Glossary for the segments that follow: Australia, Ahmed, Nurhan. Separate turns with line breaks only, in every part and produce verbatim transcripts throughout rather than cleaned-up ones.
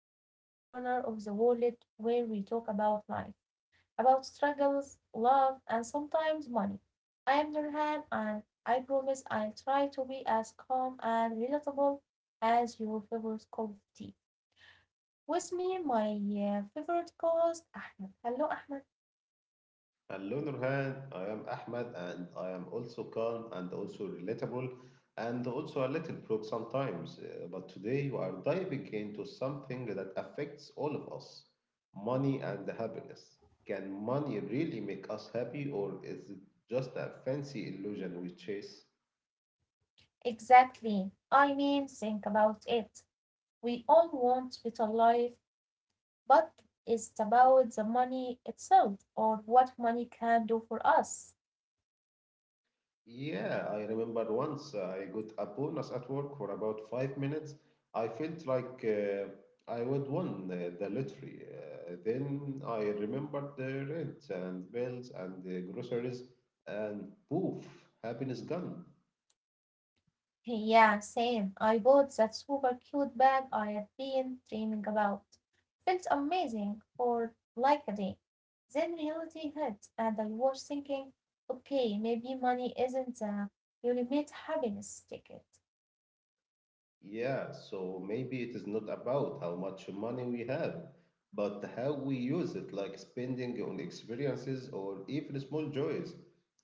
our little corner of the world where we talk about life, about struggles, love, and sometimes money. I am Nurhan, and I promise I'll try to be as calm and relatable as your favorite cup of tea. With me, my uh, favorite co-host, Ahmed. Hello, Ahmed.
On the other hand, I am Ahmed, and I am also calm and also relatable and also a little broke sometimes. Uh, But today we are diving into something that affects all of us money and happiness. Can money really make us happy, or is it just a fancy illusion we chase?
Exactly. I mean, think about it. We all want better life, but it's about the money itself or what money can do for us.
Yeah, I remember once uh, I got a bonus at work for about five minutes. I felt like uh, I would won the, the lottery. Uh, then I remembered the rent and bills and the groceries, and poof, happiness gone.
Yeah, same. I bought that super cute bag I have been dreaming about. Felt amazing for like a day. Then reality hit, and I was thinking, okay, maybe money isn't the ultimate happiness ticket.
Yeah, so maybe it is not about how much money we have, but how we use it, like spending on experiences or even small joys,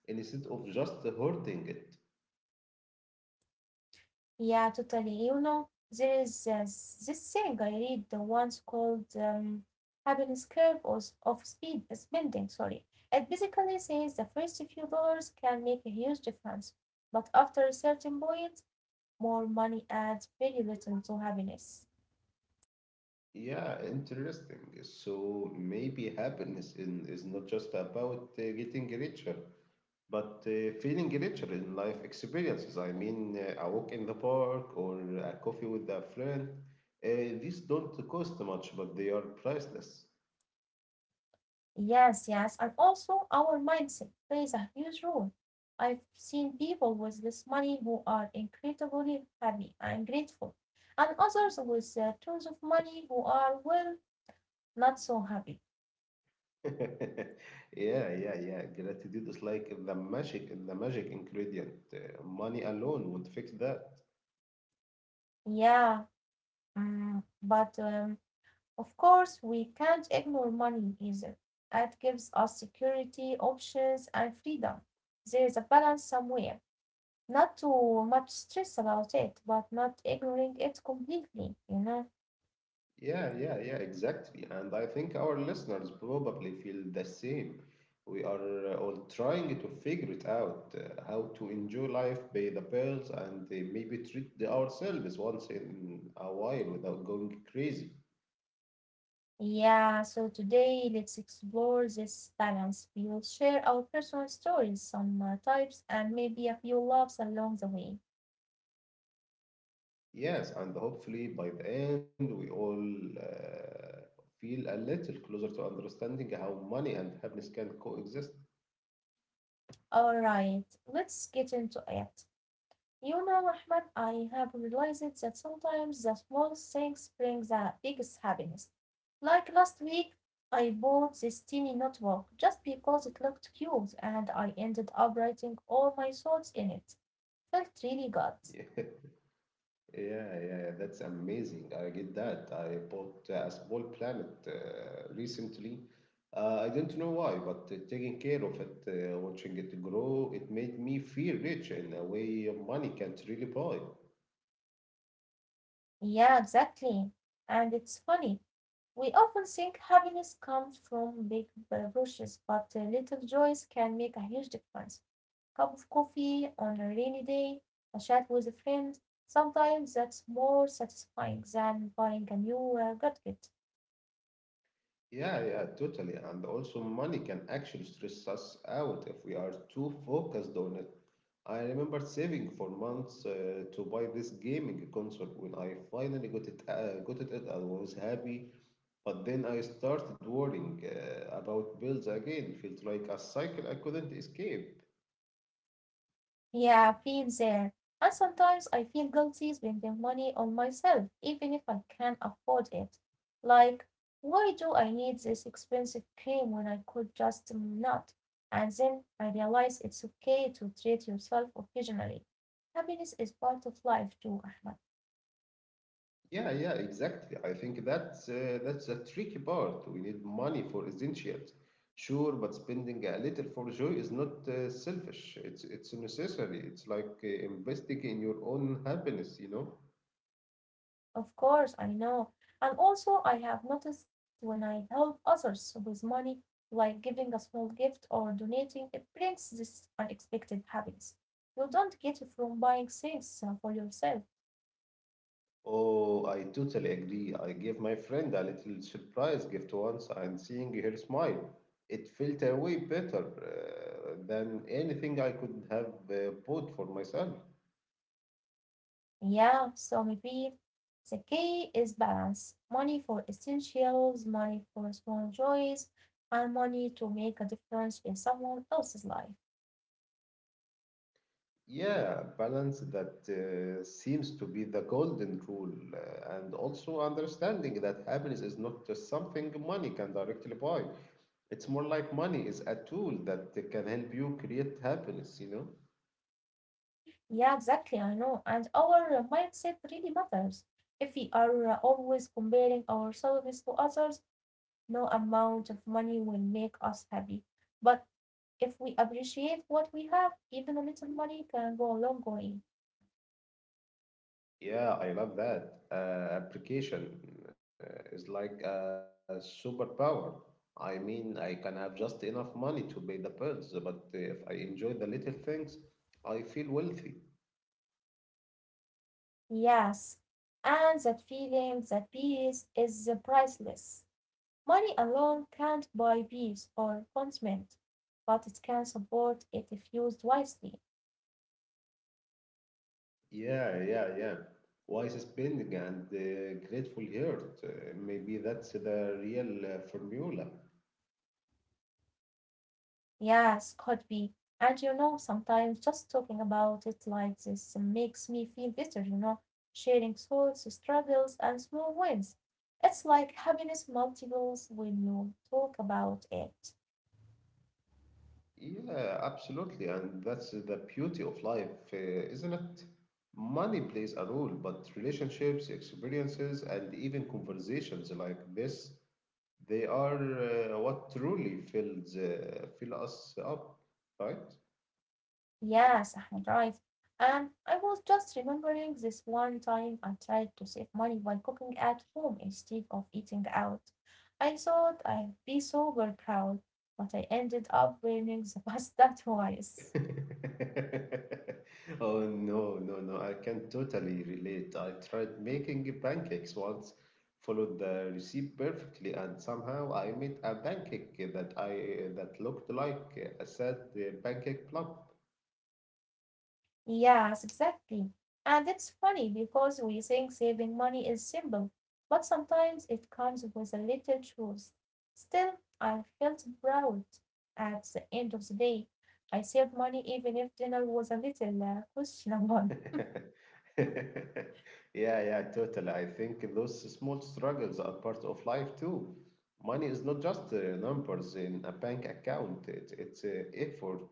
instead of just hoarding it.
Yeah, totally. You know, there is uh, s- this thing I read the once called um, happiness curve of, of speed uh, spending. Sorry, it basically says the first few dollars can make a huge difference, but after a certain point more money adds very little to happiness.
Yeah, interesting. So maybe happiness in, is not just about uh, getting richer, but uh, feeling richer in life experiences. I mean, uh, a walk in the park or a coffee with a friend. Uh, these don't cost much, but they are priceless.
Yes, yes, and also our mindset plays a huge role. I've seen people with less money who are incredibly happy and grateful, and others with uh, tons of money who are, well, not so happy.
Yeah, yeah, yeah. Gratitude is like the magic, the magic ingredient. Uh, money alone would fix that.
Yeah, mm, but um, of course we can't ignore money either. It gives us security, options, and freedom. There's a balance somewhere. Not too much stress about it, but not ignoring it completely, you know?
Yeah, yeah, yeah, exactly. And I think our listeners probably feel the same. We are uh, all trying to figure it out uh, how to enjoy life, pay the bills, and uh, maybe treat the- ourselves once in a while without going crazy.
Yeah, so today let's explore this balance. We will share our personal stories, some uh, types, and maybe a few loves along the way.
Yes, and hopefully by the end, we all uh, feel a little closer to understanding how money and happiness can coexist.
All right, let's get into it. You know, Ahmed, I have realized that sometimes the smallest things bring the biggest happiness. Like last week, I bought this tiny notebook just because it looked cute and I ended up writing all my thoughts in it. Felt really good.
Yeah, yeah, yeah, that's amazing. I get that. I bought uh, a small planet uh, recently. Uh, I don't know why, but uh, taking care of it, uh, watching it grow, it made me feel rich in a way money can't really buy.
Yeah, exactly. And it's funny, we often think happiness comes from big brushes, but uh, little joys can make a huge difference. Cup of coffee on a rainy day, a chat with a friend. Sometimes that's more satisfying than buying a new uh, gadget.
Yeah, yeah, totally. And also, money can actually stress us out if we are too focused on it. I remember saving for months uh, to buy this gaming console. When I finally got it, uh, got it, I was happy. But then I started worrying uh, about bills again. Felt like a cycle I couldn't escape.
Yeah, been there. And sometimes I feel guilty spending money on myself, even if I can afford it. Like, why do I need this expensive cream when I could just um, not? And then I realize it's okay to treat yourself occasionally. Happiness is part of life too, Ahmed.
Yeah, yeah, exactly. I think that's uh, that's the tricky part. We need money for essentials, sure, but spending a little for joy is not uh, selfish. It's it's necessary. It's like uh, investing in your own happiness, you know.
Of course, I know. And also I have noticed when I help others with money, like giving a small gift or donating, it brings this unexpected happiness. You don't get it from buying things uh, for yourself.
Oh, I totally agree. I gave my friend a little surprise gift once, and seeing her smile, it felt uh, way better uh, than anything I could have uh, bought for myself.
Yeah, so maybe the key is balance. Money for essentials, money for small joys, and money to make a difference in someone else's life.
Yeah, balance that uh, seems to be the golden rule, uh, and also understanding that happiness is not just something money can directly buy. It's more like money is a tool that can help you create happiness, you know?
Yeah, exactly. I know. And our uh, mindset really matters. If we are uh, always comparing ourselves to others, no amount of money will make us happy. But if we appreciate what we have, even a little money can go a long way.
Yeah, I love that. Uh, application uh, is like a superpower. I mean, I can have just enough money to pay the bills, but if I enjoy the little things, I feel wealthy.
Yes. And that feeling, that peace is uh, priceless. Money alone can't buy peace or contentment, but it can support it if used wisely.
Yeah, yeah, yeah. Wise spending and uh, grateful heart. Uh, maybe that's the real uh, formula.
Yes, could be. And you know, sometimes just talking about it like this makes me feel better, you know, sharing thoughts, struggles, and small wins. It's like happiness multiples when you talk about it.
Yeah, absolutely. And that's the beauty of life, uh, isn't it? Money plays a role, but relationships, experiences, and even conversations like this, they are uh, what truly fills uh, fill us up, right?
Yes, I'm right. And I was just remembering this one time I tried to save money by cooking at home instead of eating out. I thought I'd be super proud, but I ended up winning the pasta twice.
Oh no, no, no, I can totally relate. I tried making pancakes once, followed the recipe perfectly, and somehow I made a pancake that I that looked like a sad pancake block.
Yes, exactly. And it's funny because we think saving money is simple, but sometimes it comes with a little truth. Still, I felt proud at the end of the day. I saved money even if dinner was a little uh, questionable.
Yeah, yeah, totally. I think those small struggles are part of life too. Money is not just uh, numbers in a bank account, it, it's uh, effort,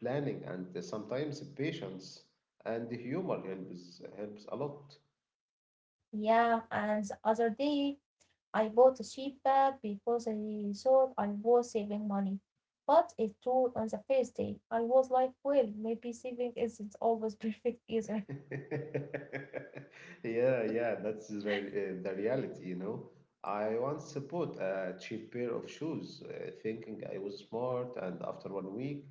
planning, and uh, sometimes patience and humor helps, helps a lot.
Yeah, and the other day I bought a cheap bag because I thought I was saving money. But it tore on the first day. I was like, well, maybe saving isn't always perfect either.
Yeah, yeah, that's the, re- uh, the reality, you know. I once bought a cheap pair of shoes, uh, thinking I was smart, and after one week,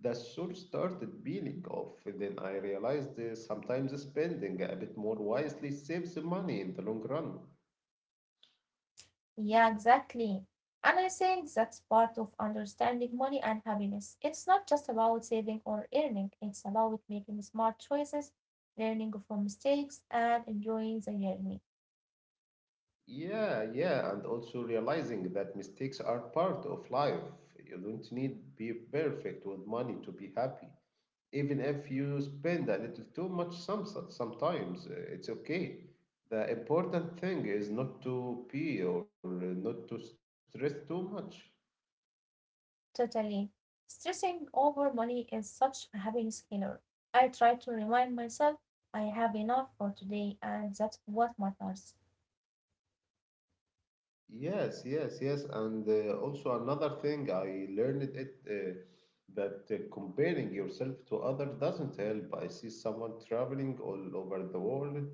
the sole started peeling off. Then I realized uh, sometimes spending a bit more wisely saves money in the long run.
Yeah, exactly. And I think that's part of understanding money and happiness. It's not just about saving or earning, it's about making smart choices, learning from mistakes, and enjoying the journey.
Yeah, yeah, and also realizing that mistakes are part of life. You don't need to be perfect with money to be happy. Even if you spend a little too much some, sometimes uh, it's okay. The important thing is not to pee or uh, not to stress too much.
Totally. Stressing over money is such a happiness killer. I try to remind myself I have enough for today and that's what matters.
Yes, yes, yes. And uh, also another thing I learned it uh, that uh, comparing yourself to others doesn't help. I see someone traveling all over the world,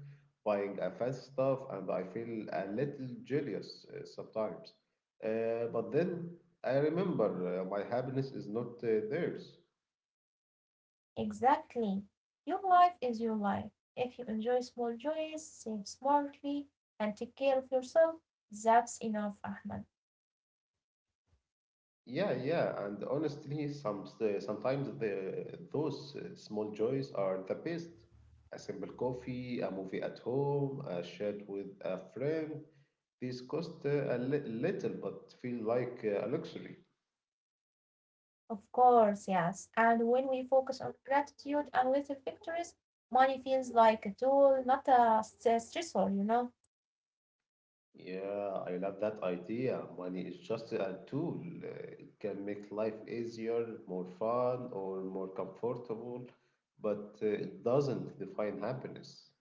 buying a fancy stuff, and I feel a little jealous uh, sometimes. Uh, but then I remember uh, my happiness is not uh, theirs.
Exactly. Your life is your life. If you enjoy small joys, save smartly, and take care of yourself, that's enough, Ahmed.
Yeah, yeah, and honestly, some sometimes the those uh, small joys are the best. A simple coffee, a movie at home, a chat with a friend. These cost uh, a li- little, but feel like uh, a luxury.
Of course, yes. And when we focus on gratitude and little victories, money feels like a tool, not a s- stressor, you know?
Yeah, I love that idea. Money is just a tool. Uh, It can make life easier, more fun, or more comfortable, but uh, it doesn't define happiness.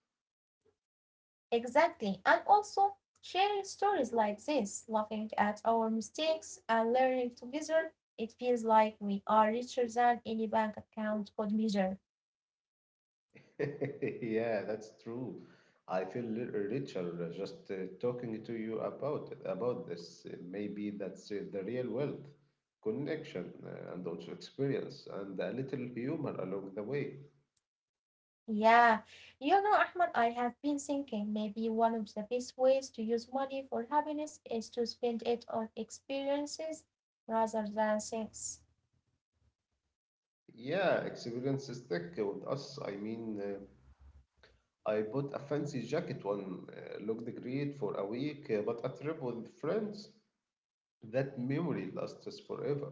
Exactly. And also sharing stories like this, laughing at our mistakes and learning together, it feels like we are richer than any bank account could measure.
Yeah, that's true. I feel li- richer uh, just uh, talking to you about it, about this. Uh, Maybe that's uh, the real wealth, connection, uh, and also experience, and a little humor along the way.
Yeah. You know, Ahmad, I have been thinking maybe one of the best ways to use money for happiness is to spend it on experiences rather than things.
Yeah, experience is thick with us. I mean, uh, I bought a fancy jacket one, uh, looked great for a week, uh, but a trip with friends, that memory lasts us forever.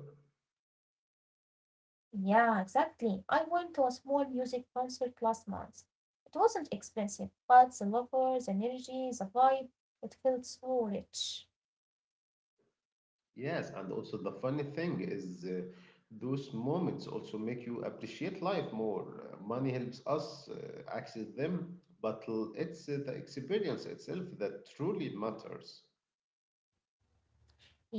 Yeah, exactly. I went to a small music concert last month. It wasn't expensive, but the lover, the energy, the vibe, it felt so rich.
Yes, and also the funny thing is uh, those moments also make you appreciate life more. Uh, money helps us uh, access them, but l- it's uh, the experience itself that truly matters.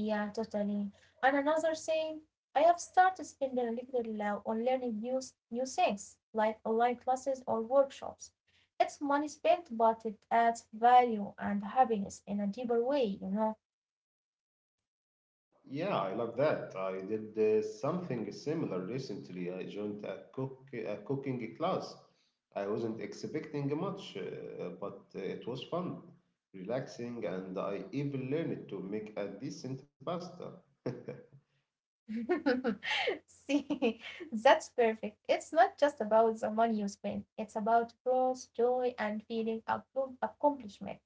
Yeah, totally. And another thing, I have started spending a little uh, on learning new s- new things, like online classes or workshops. It's money spent, but it adds value and happiness in a deeper way, you know.
Yeah, I love that. I did uh, something similar recently. I joined a cook a cooking class. I wasn't expecting much, uh, but uh, it was fun, relaxing, and I even learned to make a decent pasta.
See, that's perfect. It's not just about the money you spend, it's about growth, joy, and feeling of good accomplishment.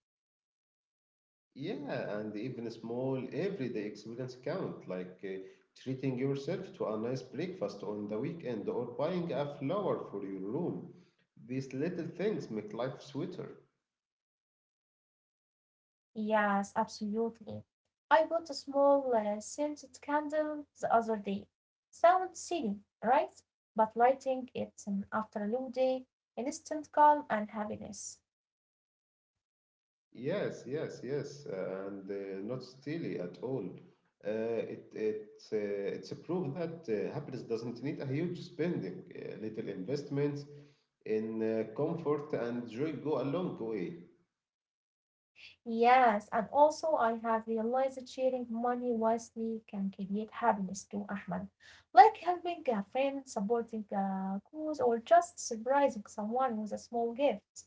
Yeah, and even small everyday experience count, like uh, treating yourself to a nice breakfast on the weekend or buying a flower for your room. These little things make life sweeter.
Yes, absolutely. I bought a small uh, scented candle the other day. Sounds silly, right? But lighting it um, after a long day, instant calm and happiness.
Yes, yes, yes, uh, and uh, not steely at all. Uh, it it uh, it's a proof that uh, happiness doesn't need a huge spending. Uh, little investments in uh, comfort and joy go a long way.
Yes, and also I have realized that sharing money wisely can create happiness too, Ahmed. Like helping a friend, supporting a cause, or just surprising someone with a small gift.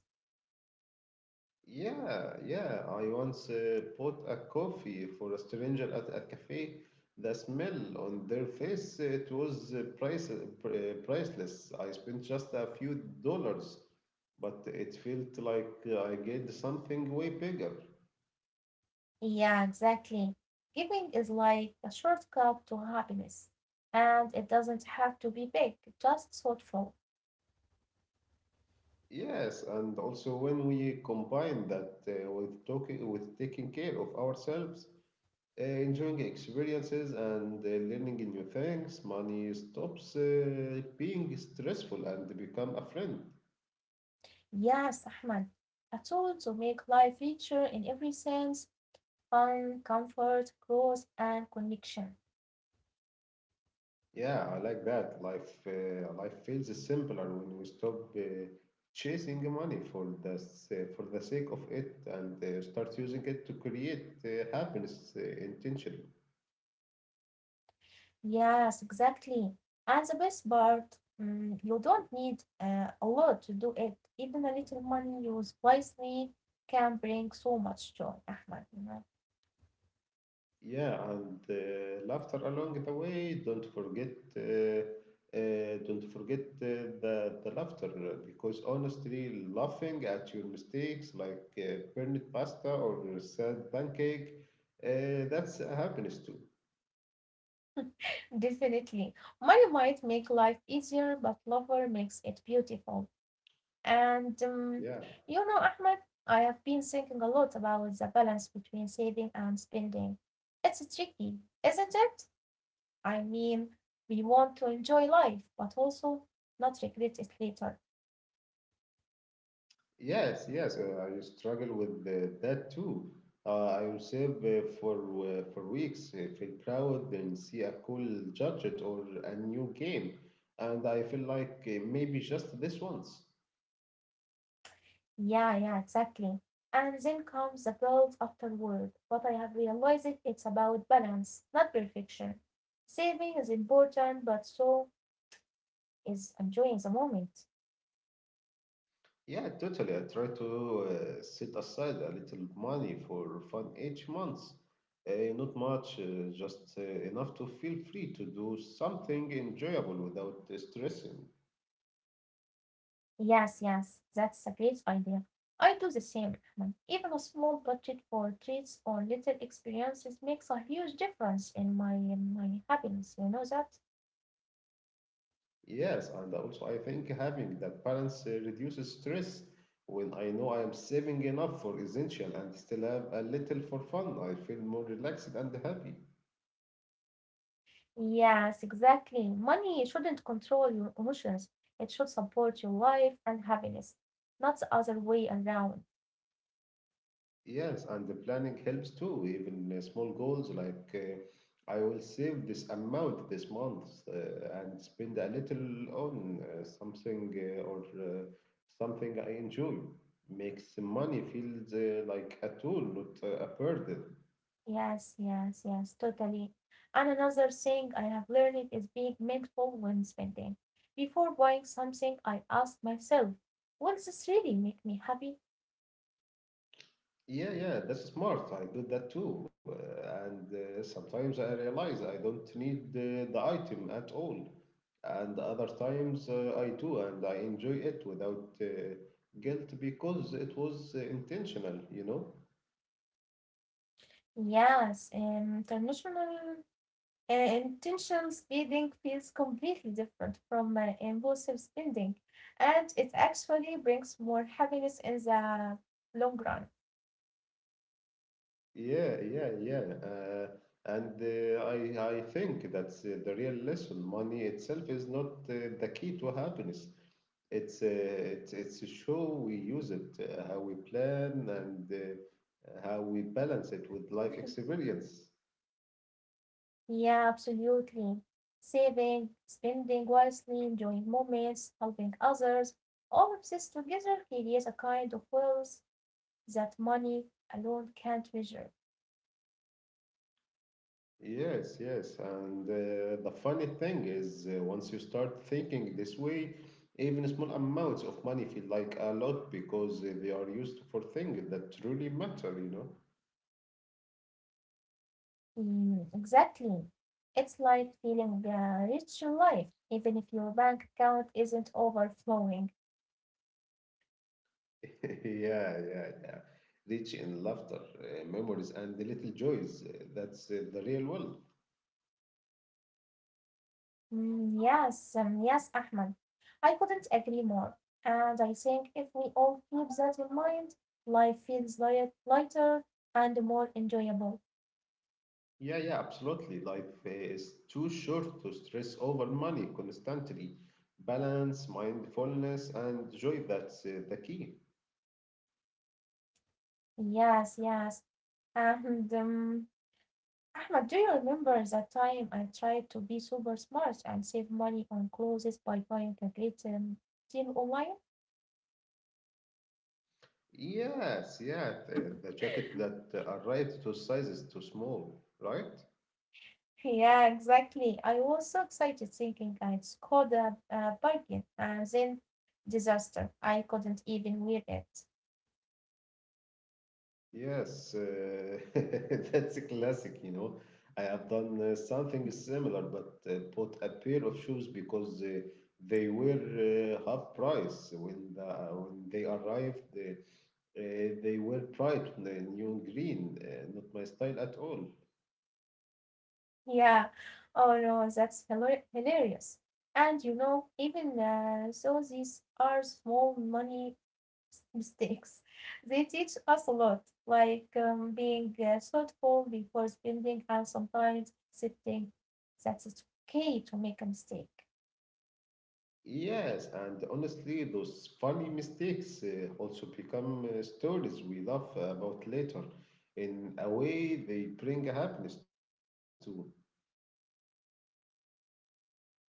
Yeah, yeah. I once uh, bought a coffee for a stranger at a cafe. The smell on their face, uh, it was uh, price, uh, pr- uh, priceless. I spent just a few dollars, but it felt like uh, I get something way bigger.
Yeah, exactly. Giving is like a shortcut to happiness, and it doesn't have to be big, just thoughtful.
Yes, and also when we combine that uh, with talking, with taking care of ourselves, uh, enjoying experiences and uh, learning new things. Money stops uh, being stressful and become a friend.
Yes, Ahmed, a tool to make life richer in every sense, fun, comfort, growth, and connection.
Yeah, I like that. Life, uh, life feels simpler when we stop uh, chasing money for the s- uh, for the sake of it and uh, start using it to create uh, happiness uh, intentionally.
Yes, exactly. And the best part, mm, you don't need uh, a lot to do it. Even a little money used wisely can bring so much joy, Ahmed, you know.
Yeah, and uh, laughter along the way. Don't forget, uh, uh, don't forget uh, the the laughter uh, because honestly, laughing at your mistakes like uh, burnt pasta or sad pancake, uh, that's happiness too.
Definitely. Money might make life easier, but lover makes it beautiful. And um,
Yeah.
you know, Ahmed, I have been thinking a lot about the balance between saving and spending. It's tricky, isn't it? I mean, we want to enjoy life, but also not regret it later.
Yes, yes, uh, I struggle with uh, that too. Uh, I reserve uh, for uh, for weeks, uh, feel proud, then see a cool gadget or a new game, and I feel like uh, maybe just this once.
Yeah, yeah, exactly. And then comes the guilt afterward. What I have realized it's about balance, not perfection. Saving is important, but so is enjoying the moment.
Yeah, totally. I try to uh, set aside a little money for fun each month. Uh, not much, uh, just uh, enough to feel free to do something enjoyable without uh, stressing.
Yes, yes, that's a great idea. I do the same, Rahman. Even a small budget for treats or little experiences makes a huge difference in my in my happiness. You know that?
Yes, and also I think having that balance uh, reduces stress. When I know I am saving enough for essential and still have a little for fun, I feel more relaxed and happy.
Yes, exactly. Money shouldn't control your emotions. It should support your life and happiness, not the other way around.
Yes, and the planning helps too, even uh, small goals like uh, I will save this amount this month uh, and spend a little on uh, something uh, or uh, something I enjoy. Makes money feels uh, like a tool, not uh, a burden.
Yes, yes, yes, totally. And another thing I have learned is being mindful when spending. Before buying something, I ask myself, will this really make me happy?
Yeah, yeah, that's smart. I do that too. Uh, and uh, sometimes I realize I don't need the, the item at all. And other times uh, I do, and I enjoy it without uh, guilt because it was uh, intentional, you know?
Yes, um, international Uh, intentional spending feels completely different from uh, impulsive spending, and it actually brings more happiness in the long run.
Yeah, yeah, yeah. Uh, and uh, I, I think that's uh, the real lesson. Money itself is not uh, the key to happiness. It's a it's, it's a show. We use it uh, how we plan and uh, how we balance it with life experience.
Yeah, absolutely. Saving, spending wisely, enjoying moments, helping others, all of this together creates a kind of wealth that money alone can't measure.
Yes, yes. And uh, the funny thing is, uh, once you start thinking this way, even small amounts of money feel like a lot because uh, they are used for things that truly matter, you know?
Mm, exactly. It's like feeling uh, rich in life, even if your bank account isn't overflowing.
Yeah, yeah, yeah. Rich in laughter, uh, memories, and the little joys. Uh, That's uh, the real world.
Mm, yes, um, yes, Ahmed. I couldn't agree more. And I think if we all keep that in mind, life feels li- lighter and more enjoyable.
Yeah, yeah, absolutely. Life is too short to stress over money constantly. Balance, mindfulness, and joy, that's uh, the key.
Yes, yes. And um, Ahmed, do you remember that time I tried to be super smart and save money on clothes by buying a great um, deal online?
Yes, yeah, the, the jacket that arrived to size is too small, right?
Yeah, exactly. I was so excited thinking I'd scored a, a bargain, and then disaster. I couldn't even wear it.
Yes, uh, that's a classic, you know. I have done uh, something similar, but uh, bought a pair of shoes because uh, they were uh, half price when the, when they arrived. Uh, Uh, they were bright n- neon green, uh, not my style at all.
Yeah. Oh no, that's hila- hilarious. And you know, even uh, so, these are small money mistakes. They teach us a lot, like um, being uh, thoughtful before spending and sometimes accepting that it's okay to make a mistake.
Yes, and honestly, those funny mistakes uh, also become uh, stories we laugh about later. In a way, they bring happiness too.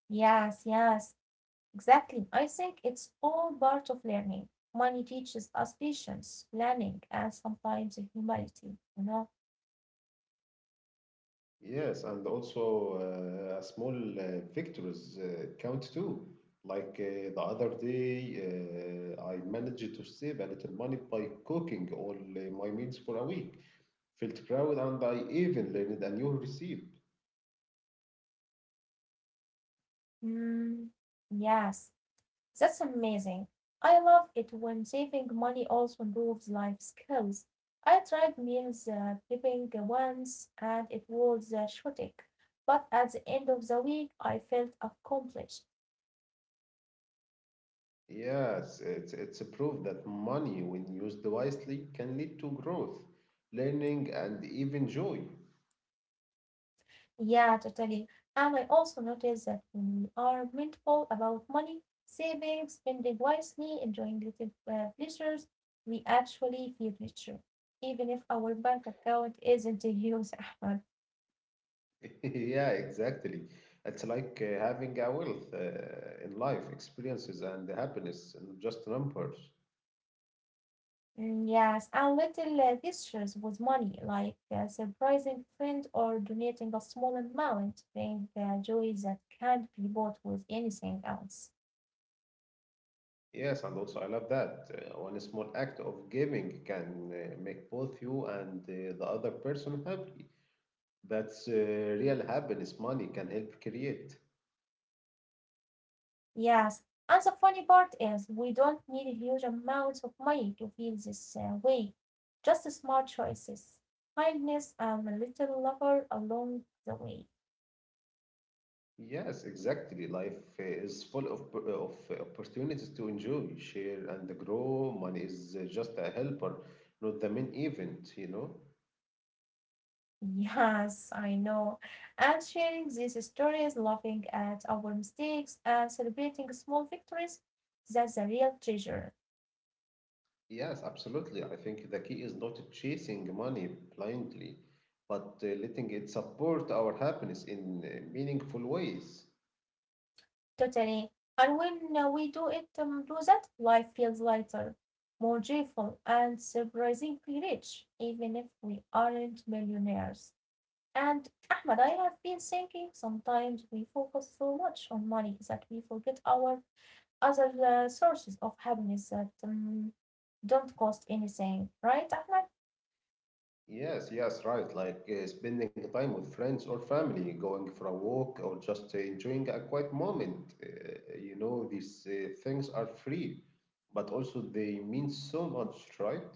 Yes, yes. Exactly. I think it's all part of learning. Money teaches us patience, planning, and sometimes humility, you know?
Yes, and also uh, a small uh, victories uh, count too. Like uh, the other day, uh, I managed to save a little money by cooking all uh, my meals for a week. Felt proud, and I even learned a new recipe.
Mm, yes, that's amazing. I love it when saving money also improves life skills. I tried meals uh, prepping once and it was uh, chaotic, but at the end of the week, I felt accomplished.
Yes, it's, it's a proof that money, when used wisely, can lead to growth, learning, and even joy.
Yeah, totally. And I also noticed that when we are mindful about money, saving, spending wisely, enjoying little uh, pleasures, we actually feel richer, even if our bank account isn't huge, Ahmed.
Yeah, exactly. It's like uh, having a wealth uh, in life, experiences, and happiness, and just numbers.
Mm, yes, and little uh, gestures with money, like uh, surprising a friend or donating a small amount, bring uh, joy that can't be bought with anything else.
Yes, and also I love that. Uh, one small act of giving can uh, make both you and uh, the other person happy. That's uh, real happiness money can help create.
Yes, and the funny part is we don't need huge amounts of money to feel this uh, way. Just smart choices, kindness, and a little lover along the way.
Yes, exactly. Life is full of of opportunities to enjoy, share, and grow. Money is just a helper, not the main event, you know?
Yes, I know. And sharing these stories, laughing at our mistakes, and celebrating small victories, that's a real treasure.
Yes, absolutely. I think the key is not chasing money blindly, but uh, letting it support our happiness in uh, meaningful ways.
Totally. And when uh, we do it, um, do that, life feels lighter, more joyful, and surprisingly rich, even if we aren't millionaires. And Ahmed, I have been thinking sometimes we focus so much on money that we forget our other uh, sources of happiness that um, don't cost anything, right, Ahmed?
Yes, yes, right. Like uh, spending time with friends or family, going for a walk, or just uh, enjoying a quiet moment. Uh, you know, these uh, things are free, but also they mean so much, right?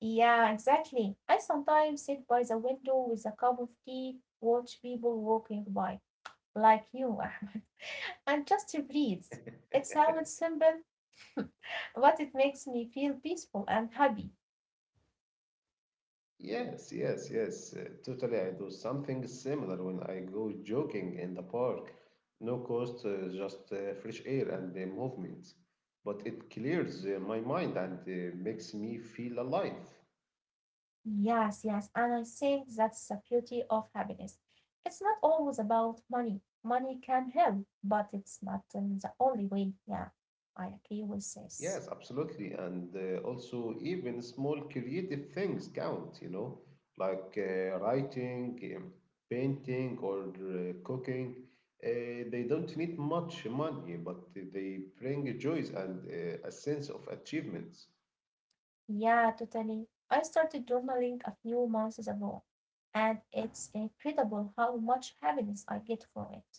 Yeah, exactly. I sometimes sit by the window with a cup of tea, watch people walking by, like you, Ahmed, and just to breathe. It sounds simple, but it makes me feel peaceful and happy.
Yes, yes, yes. Uh, totally. I do something similar when I go jogging in the park. No cost, uh, just uh, fresh air and uh, movement. But it clears uh, my mind and uh, makes me feel alive.
Yes, yes, and I think that's the beauty of happiness. It's not always about money. Money can help, but it's not um, the only way. Yeah, I agree with this.
Yes, absolutely. And uh, also, even small creative things count, you know, like uh, writing, um, painting, or uh, cooking. Uh, they don't need much money, but they bring joys and uh, a sense of achievements.
Yeah, totally. I started journaling a few months ago, and it's incredible how much happiness I get from it.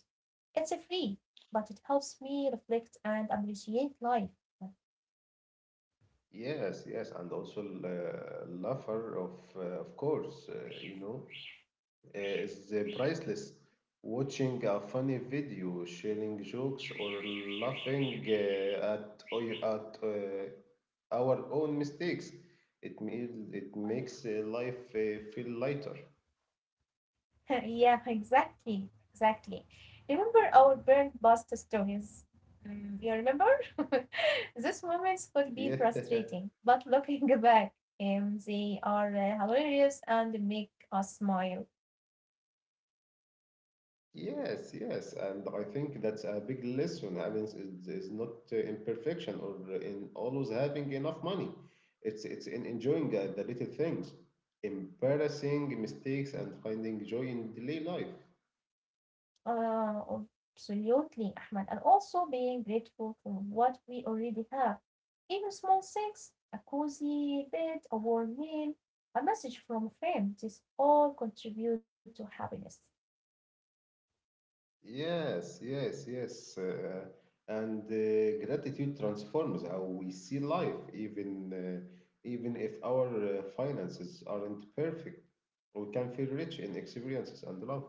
It's free, but it helps me reflect and appreciate life.
Yes, yes, and also uh, laughter, of uh, of course, uh, you know, uh, is priceless. Watching a funny video, sharing jokes, or laughing uh, at o- at uh, our own mistakes, it ma- it makes uh, life uh, feel lighter.
Yeah, exactly, exactly. Remember our burnt past stories? Mm, you remember? These moments could be
Yeah.
frustrating, but looking back, um, they are uh, hilarious and make us smile.
Yes, yes, and I think that's a big lesson. Happiness is, is not uh, imperfection or in always having enough money. It's it's in enjoying uh, the little things, embarrassing mistakes, and finding joy in daily life.
Uh, Absolutely, Ahmad. And also being grateful for what we already have. Even small things, a cozy bed, a warm meal, a message from a friend, this all contribute to happiness.
Yes, yes, yes. Uh, and uh, gratitude transforms how we see life, even uh, even if our uh, finances aren't perfect. We can feel rich in experiences and love.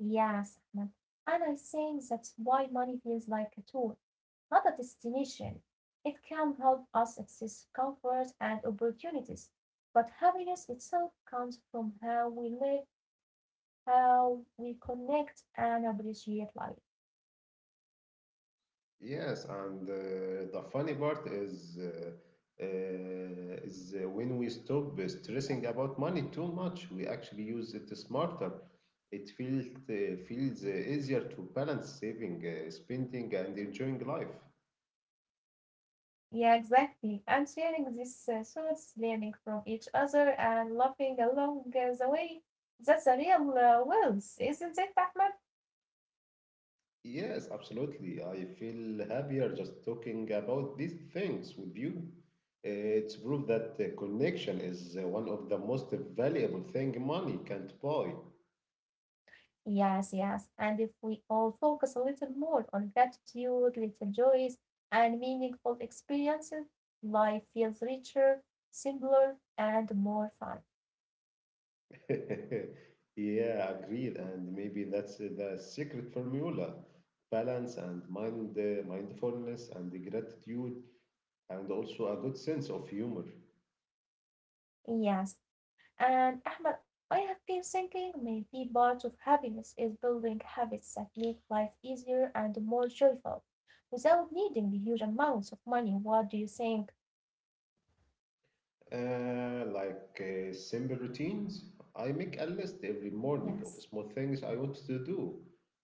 Yes, Ahmed. And I think that's why money feels like a tool, not a destination. It can help us access comfort and opportunities, but happiness itself comes from how we live, how we connect and appreciate life.
Yes, and uh, the funny part is uh, uh, is uh, when we stop stressing about money too much, we actually use it smarter. It feels uh, feels uh, easier to balance saving, uh, spending, and enjoying life.
Yeah, exactly. And sharing these uh, thoughts, learning from each other, and laughing along uh, the way, that's a real uh, wealth, isn't it, Ahmed?
Yes, absolutely. I feel happier just talking about these things with you. It's proof that uh, connection is uh, one of the most valuable thing money can't buy.
Yes, yes. And if we all focus a little more on gratitude, little joys, and meaningful experiences, life feels richer, simpler, and more fun.
Yeah, agreed. And maybe that's uh, the secret formula. Balance and mind, uh, mindfulness and gratitude, and also a good sense of humor.
Yes. And Ahmed, I have been thinking maybe part of happiness is building habits that make life easier and more joyful without needing huge amounts of money. What do you think?
Uh, like uh, simple routines. I make a list every morning
Yes.
of small things I want to do.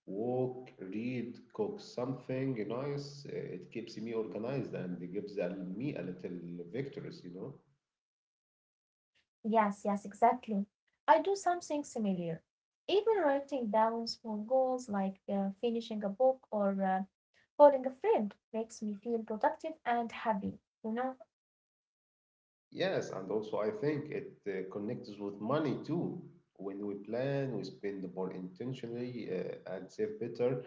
Walk, read, cook something nice. Uh, It keeps me organized and it gives a- me a little victories, you know.
Yes, yes, exactly. I do something similar. Even writing down small goals like uh, finishing a book or uh, calling a friend makes me feel productive and happy, you know?
Yes, and also I think it uh, connects with money too. When we plan, we spend more intentionally uh, and save better.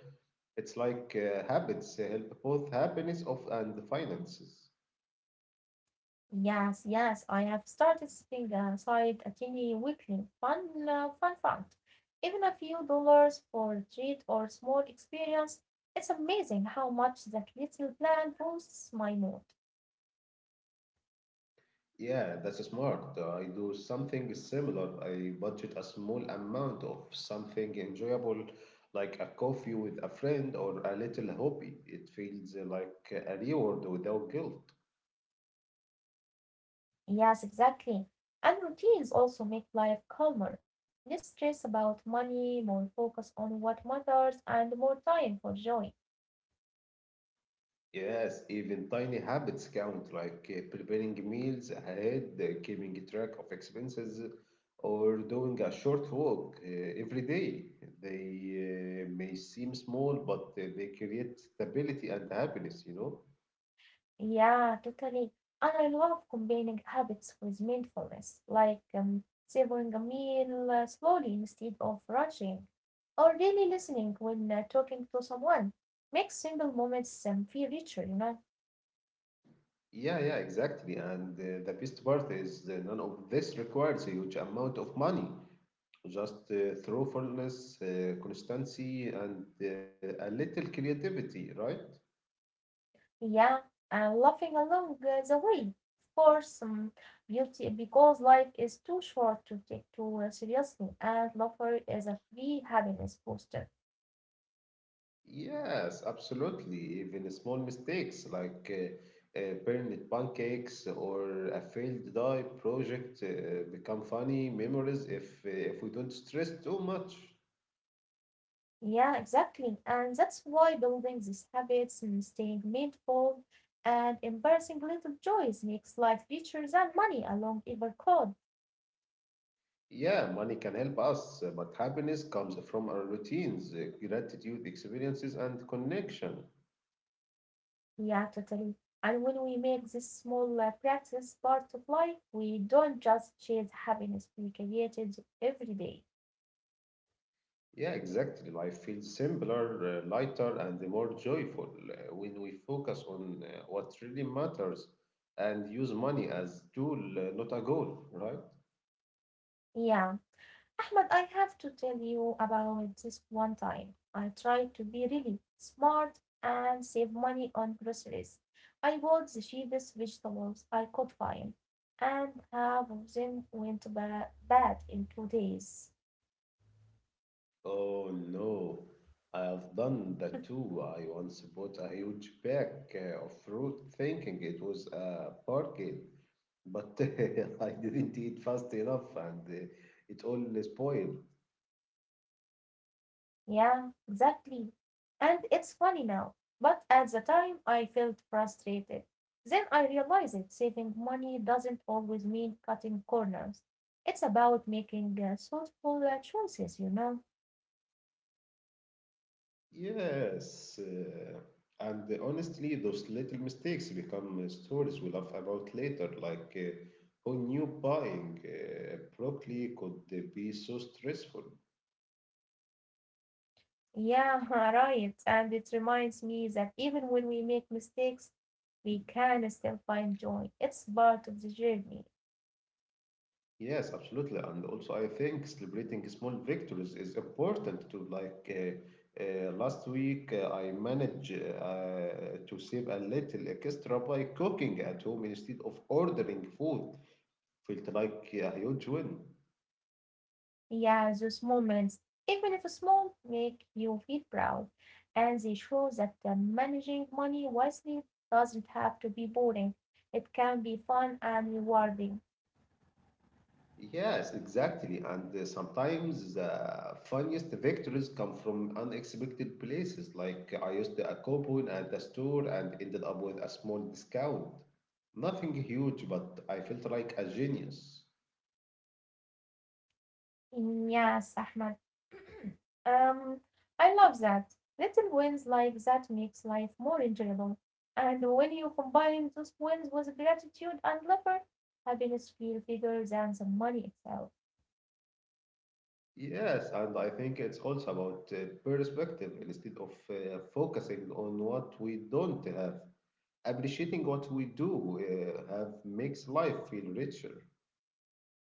It's like uh, habits uh, help both happiness of and finances.
Yes, yes, I have started setting aside a tiny weekly fun, uh, fun fund. Even a few dollars for a treat or small experience. It's amazing how much that little plan boosts my mood.
Yeah, that's smart. Uh, I do something similar. I budget a small amount of something enjoyable, like a coffee with a friend or a little hobby. It feels uh, like a reward without guilt.
Yes, exactly. And routines also make life calmer. Less stress about money, more focus on what matters, and more time for joy.
Yes, even tiny habits count, like uh, preparing meals ahead, uh, keeping track of expenses, or doing a short walk uh, every day. They uh, may seem small, but uh, they create stability and happiness, you know?
Yeah, totally. And I love combining habits with mindfulness, like um, savoring a meal uh, slowly instead of rushing, or really listening when uh, talking to someone. Makes simple moments um, feel richer, you know.
Yeah, yeah, exactly. And uh, the best part is that none of this requires a huge amount of money. Just uh, thoughtfulness, uh, constancy, and uh, a little creativity, right?
Yeah, and laughing along uh, the way. Of course, um, beauty because life is too short to take too uh, seriously, and laughter is a free happiness booster.
Yes, absolutely. Even small mistakes like uh, uh, burnt pancakes or a failed dye project uh, become funny memories if uh, if we don't stress too much.
Yeah, exactly, and that's why building these habits and staying mindful and embracing little joys makes life richer than money alone ever could.
Yeah, money can help us, uh, but happiness comes from our routines, uh, gratitude, experiences, and connection.
Yeah, totally. And when we make this small uh, practice part of life, we don't just chase happiness; we create it every day.
Yeah, exactly. Life feels simpler, uh, lighter, and more joyful uh, when we focus on uh, what really matters and use money as tool, uh, not a goal, right?
Yeah. Ahmed, I have to tell you about this one time. I tried to be really smart and save money on groceries. I bought the cheapest vegetables I could find, and half of them went ba- bad in two days.
Oh no, I have done that too. I once bought a huge pack uh, of fruit thinking it was a bargain, but I didn't eat fast enough and uh, it all spoiled.
Yeah, exactly. And it's funny now, but at the time I felt frustrated. Then I realized saving money doesn't always mean cutting corners. It's about making uh, thoughtful uh, choices, you know.
Yes, uh, and honestly, those little mistakes become uh, stories we laugh about later, like uh, who knew buying uh, broccoli could uh, be so stressful?
Yeah, right. And it reminds me that even when we make mistakes, we can still find joy. It's part of the journey.
Yes, absolutely. And also, I think celebrating small victories is important too. Like uh, uh, last week, uh, I managed uh, to save a little extra by cooking at home instead of ordering food. Felt like yeah, a huge win.
Yeah, those moments, even if small, make you feel proud. And they show that uh, managing money wisely doesn't have to be boring. It can be fun and rewarding.
Yes, exactly. And uh, sometimes the funniest victories come from unexpected places. Like I used a coupon at the store and ended up with a small discount. Nothing huge, but I felt like a genius.
Yes, Ahmed. um, I love that. Little wins like that makes life more enjoyable. And when you combine those wins with gratitude and laughter, happiness feels bigger than the money itself.
Yes, and I think it's also about uh, perspective instead of uh, focusing on what we don't have. Appreciating what we do uh, have makes life feel richer.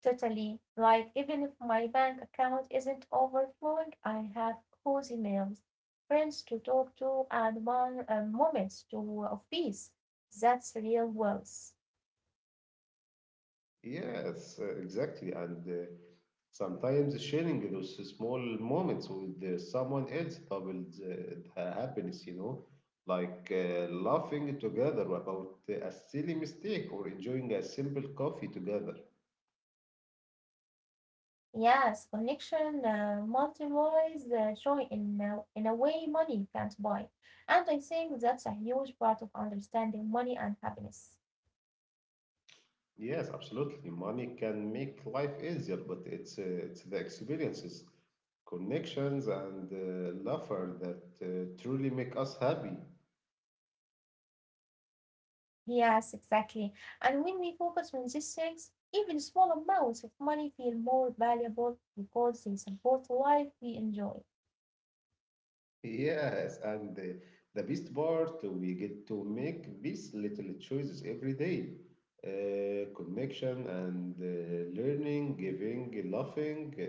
Totally. Like even if my bank account isn't overflowing, I have cozy meals, friends to talk to, and mon- uh, moments to of peace. That's real wealth.
Yes, uh, exactly. And uh, sometimes sharing those small moments with uh, someone else doubles uh, the happiness, you know, like uh, laughing together about uh, a silly mistake or enjoying a simple coffee together.
Yes, connection uh, multiplies the joy in a, in a way money can't buy. And I think that's a huge part of understanding money and happiness.
Yes, absolutely. Money can make life easier, but it's uh, it's the experiences, connections, and uh, laughter that uh, truly make us happy.
Yes, exactly. And when we focus on these things, even small amounts of money feel more valuable because they support life we enjoy.
Yes, and uh, the best part, we get to make these little choices every day. Uh, connection and uh, learning, giving, laughing. Uh,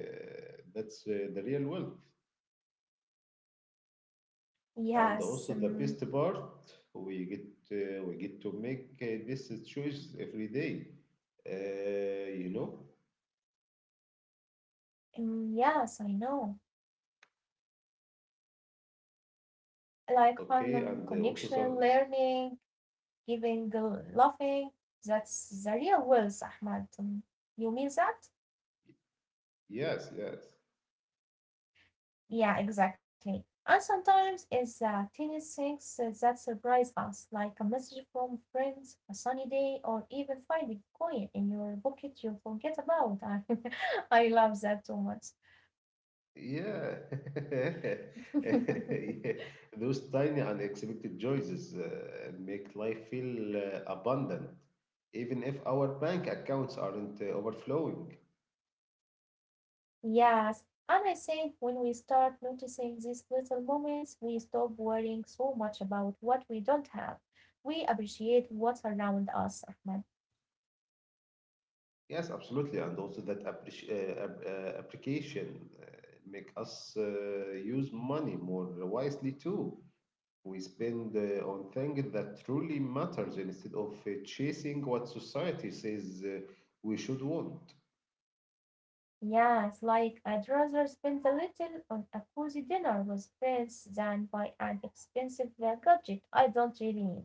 that's uh, the real world. And
Yes,
also the best
um,
part we get uh, we get to make uh, this choice every day uh, you know,
um, yes, I know. Like
okay,
fun,
and
um,
uh, also some
connection, learning, giving, the laughing. That's the real wealth, Ahmad. Um, You mean that?
yes yes
Yeah, exactly. And sometimes it's the tiniest things uh, that surprise us, like a message from friends, a sunny day, or even finding coin in your pocket you forget about. I, I love that too much.
yeah. Yeah, those tiny unexpected joys uh, make life feel uh, abundant even if our bank accounts aren't uh, overflowing.
Yes, and I think when we start noticing these little moments, we stop worrying so much about what we don't have. We appreciate what's around us, Ahmed.
Yes, absolutely, and also that appreci- uh, ap- uh, application uh, make us uh, use money more wisely too. We spend uh, on things that truly matters instead of uh, chasing what society says uh, we should want.
Yes, like I'd rather spend a little on a cozy dinner with friends than buy an expensive uh, gadget I don't really need.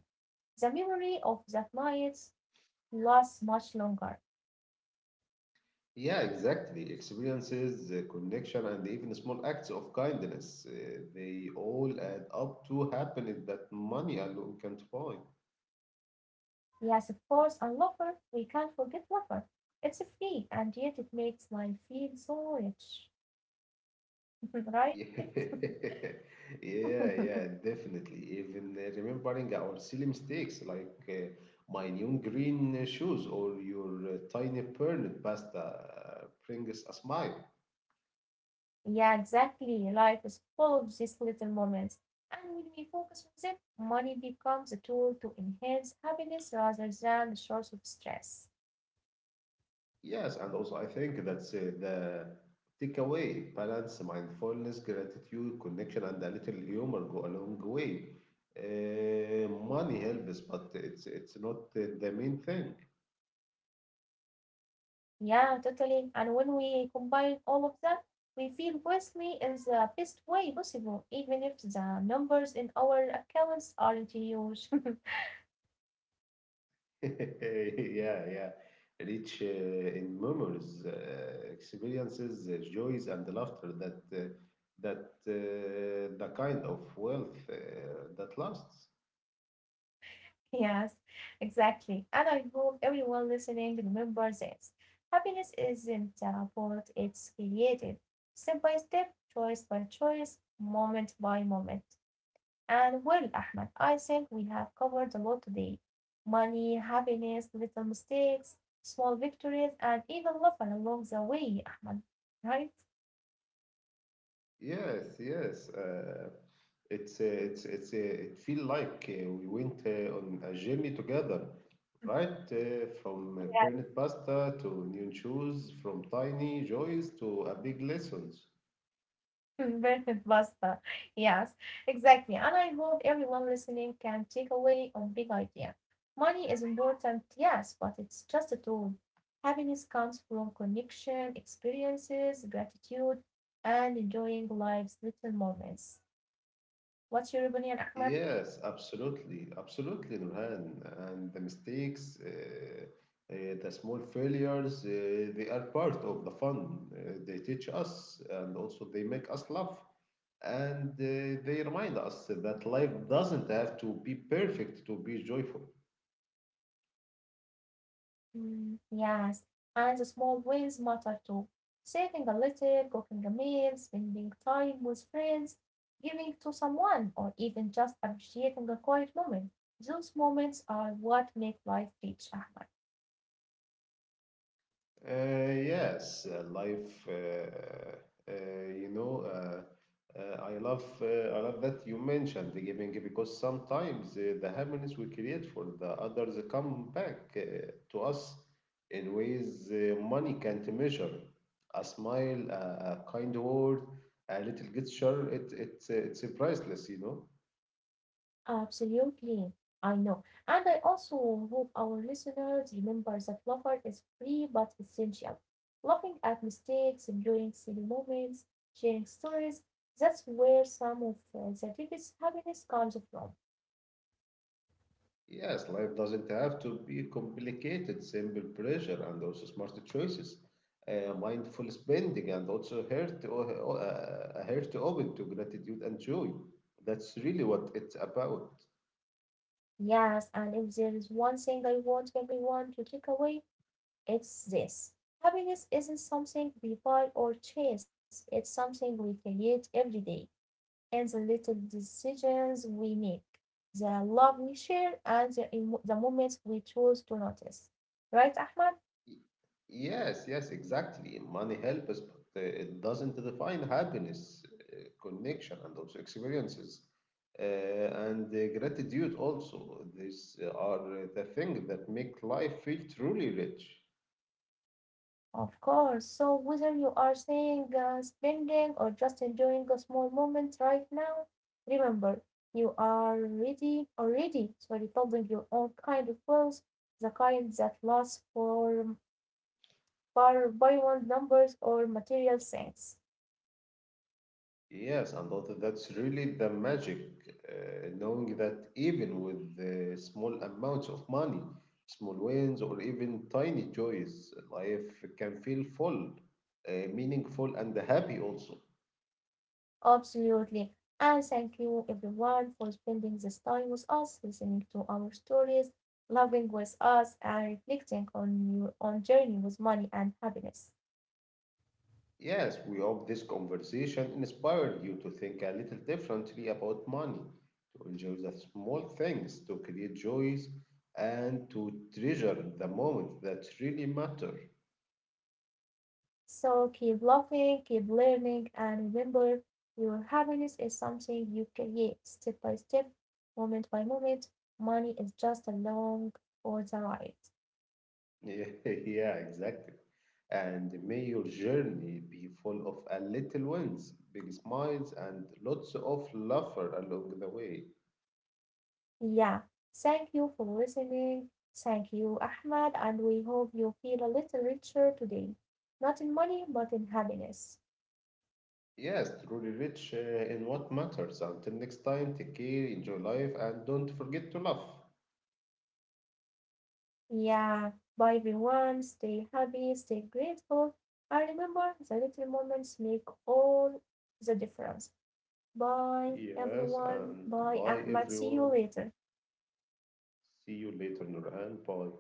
The memory of that night lasts much longer.
Yeah, exactly. Experiences, uh, connection, and even small acts of kindness, uh, they all add up to happiness that money alone can't buy.
Yes, of course, and lover, we can't forget lover. It's free, and yet it makes life feel so rich, right?
Yeah, yeah, definitely. Even uh, remembering our silly mistakes like uh, my neon green uh, shoes or your uh, tiny pernod pasta uh, brings a smile.
Yeah, exactly. Life is full of these little moments, and when we focus on them, money becomes a tool to enhance happiness rather than a source of stress.
Yes, and also I think that's uh, the takeaway. Balance, mindfulness, gratitude, connection, and a little humor go a long way. Uh, money helps, but it's it's not uh, the main thing.
Yeah, totally. And when we combine all of that, we feel wealthy in the best way possible, even if the numbers in our accounts aren't huge.
Yeah, yeah. Rich uh, in memories, uh, experiences, uh, joys, and laughter that uh, that uh, the kind of wealth uh, that lasts.
Yes, exactly. And I hope everyone listening remembers this. Happiness isn't uh, bought, it's created step by step, choice by choice, moment by moment. And well, Ahmed, I think we have covered a lot today: money, happiness, little mistakes, small victories, and even love along the way, Ahmed, right?
Yes, yes. Uh, it's uh, it's it's uh, it feel like uh, we went uh, on a journey together, right? Uh, from uh,
Yeah,
burnt pasta to new shoes, from tiny joys to a big lessons.
perfect pasta. Yes, exactly. And I hope everyone listening can take away a big idea. Money is important, yes, but it's just a tool. Happiness comes from connection, experiences, gratitude, and enjoying life's little moments. What's your opinion, Ahmed?
Yes, absolutely, absolutely, Nurhan. And the mistakes, uh, uh, the small failures, uh, they are part of the fun. Uh, they teach us and also they make us laugh. And uh, they remind us that life doesn't have to be perfect to be joyful.
Mm, yes, and the small wins matter too. Saving a little, cooking a meal, spending time with friends, giving to someone, or even just appreciating a quiet moment. Those moments are what make life rich, Ahmed.
Uh, yes, uh, life. Uh, uh, you know, uh, uh, I love uh, I love that you mentioned the giving because sometimes uh, the happiness we create for the others come back uh, to us in ways uh, money can't measure. A smile, a, a kind word, a little gesture. It it it's uh, it's priceless, you know.
Absolutely, I know. And I also hope our listeners remember that laughter is free but essential. Laughing at mistakes, enjoying silly moments, sharing stories, that's where some of uh, the deepest happiness comes from.
Yes, life doesn't have to be complicated, simple pressure and also smart choices, uh, mindful spending, and also heart, o- uh, a heart open to gratitude and joy. That's really what it's about.
Yes, and if there is one thing I want everyone to take away, it's this. Happiness isn't something we buy or chase, it's something we create every day in the little decisions we make, the love we share, and the, emo- the moments we choose to notice. Right, Ahmad?
Y- Yes, yes, exactly. Money helps, but uh, it doesn't define happiness, uh, connection, and also experiences. Uh, and uh, gratitude also. These are uh, the things that make life feel truly rich.
Of course. So whether you are saying uh, spending or just enjoying a small moment right now, remember you are ready already sorry building your own kind of wealth, the kind that lasts for far beyond numbers or material things.
Yes, and that, that's really the magic, uh, knowing that even with the small amounts of money, small wins, or even tiny joys, life can feel full, uh, meaningful, and happy also.
Absolutely. And thank you everyone for spending this time with us, listening to our stories, loving with us, and reflecting on your own journey with money and happiness.
Yes, we hope this conversation inspired you to think a little differently about money, to enjoy the small things, to create joys, and to treasure the moments that really matter.
So keep laughing, keep learning, and remember your happiness is something you create step by step, moment by moment. Money is just a long for the ride.
Yeah, yeah, exactly. And may your journey be full of a little wins, big smiles, and lots of laughter along the way.
Yeah. Thank you for listening. Thank you, Ahmad, and we hope you feel a little richer today. Not in money, but in happiness.
Yes, truly rich uh, in what matters. Until next time, take care, enjoy life, and don't forget to laugh.
Yeah. Bye, everyone. Stay happy, stay grateful. And remember, the little moments make all the difference. Bye,
Yes,
everyone.
and
Bye,
bye
Ahmed. See you
everyone.
later.
See you later, Nurhan. Bye.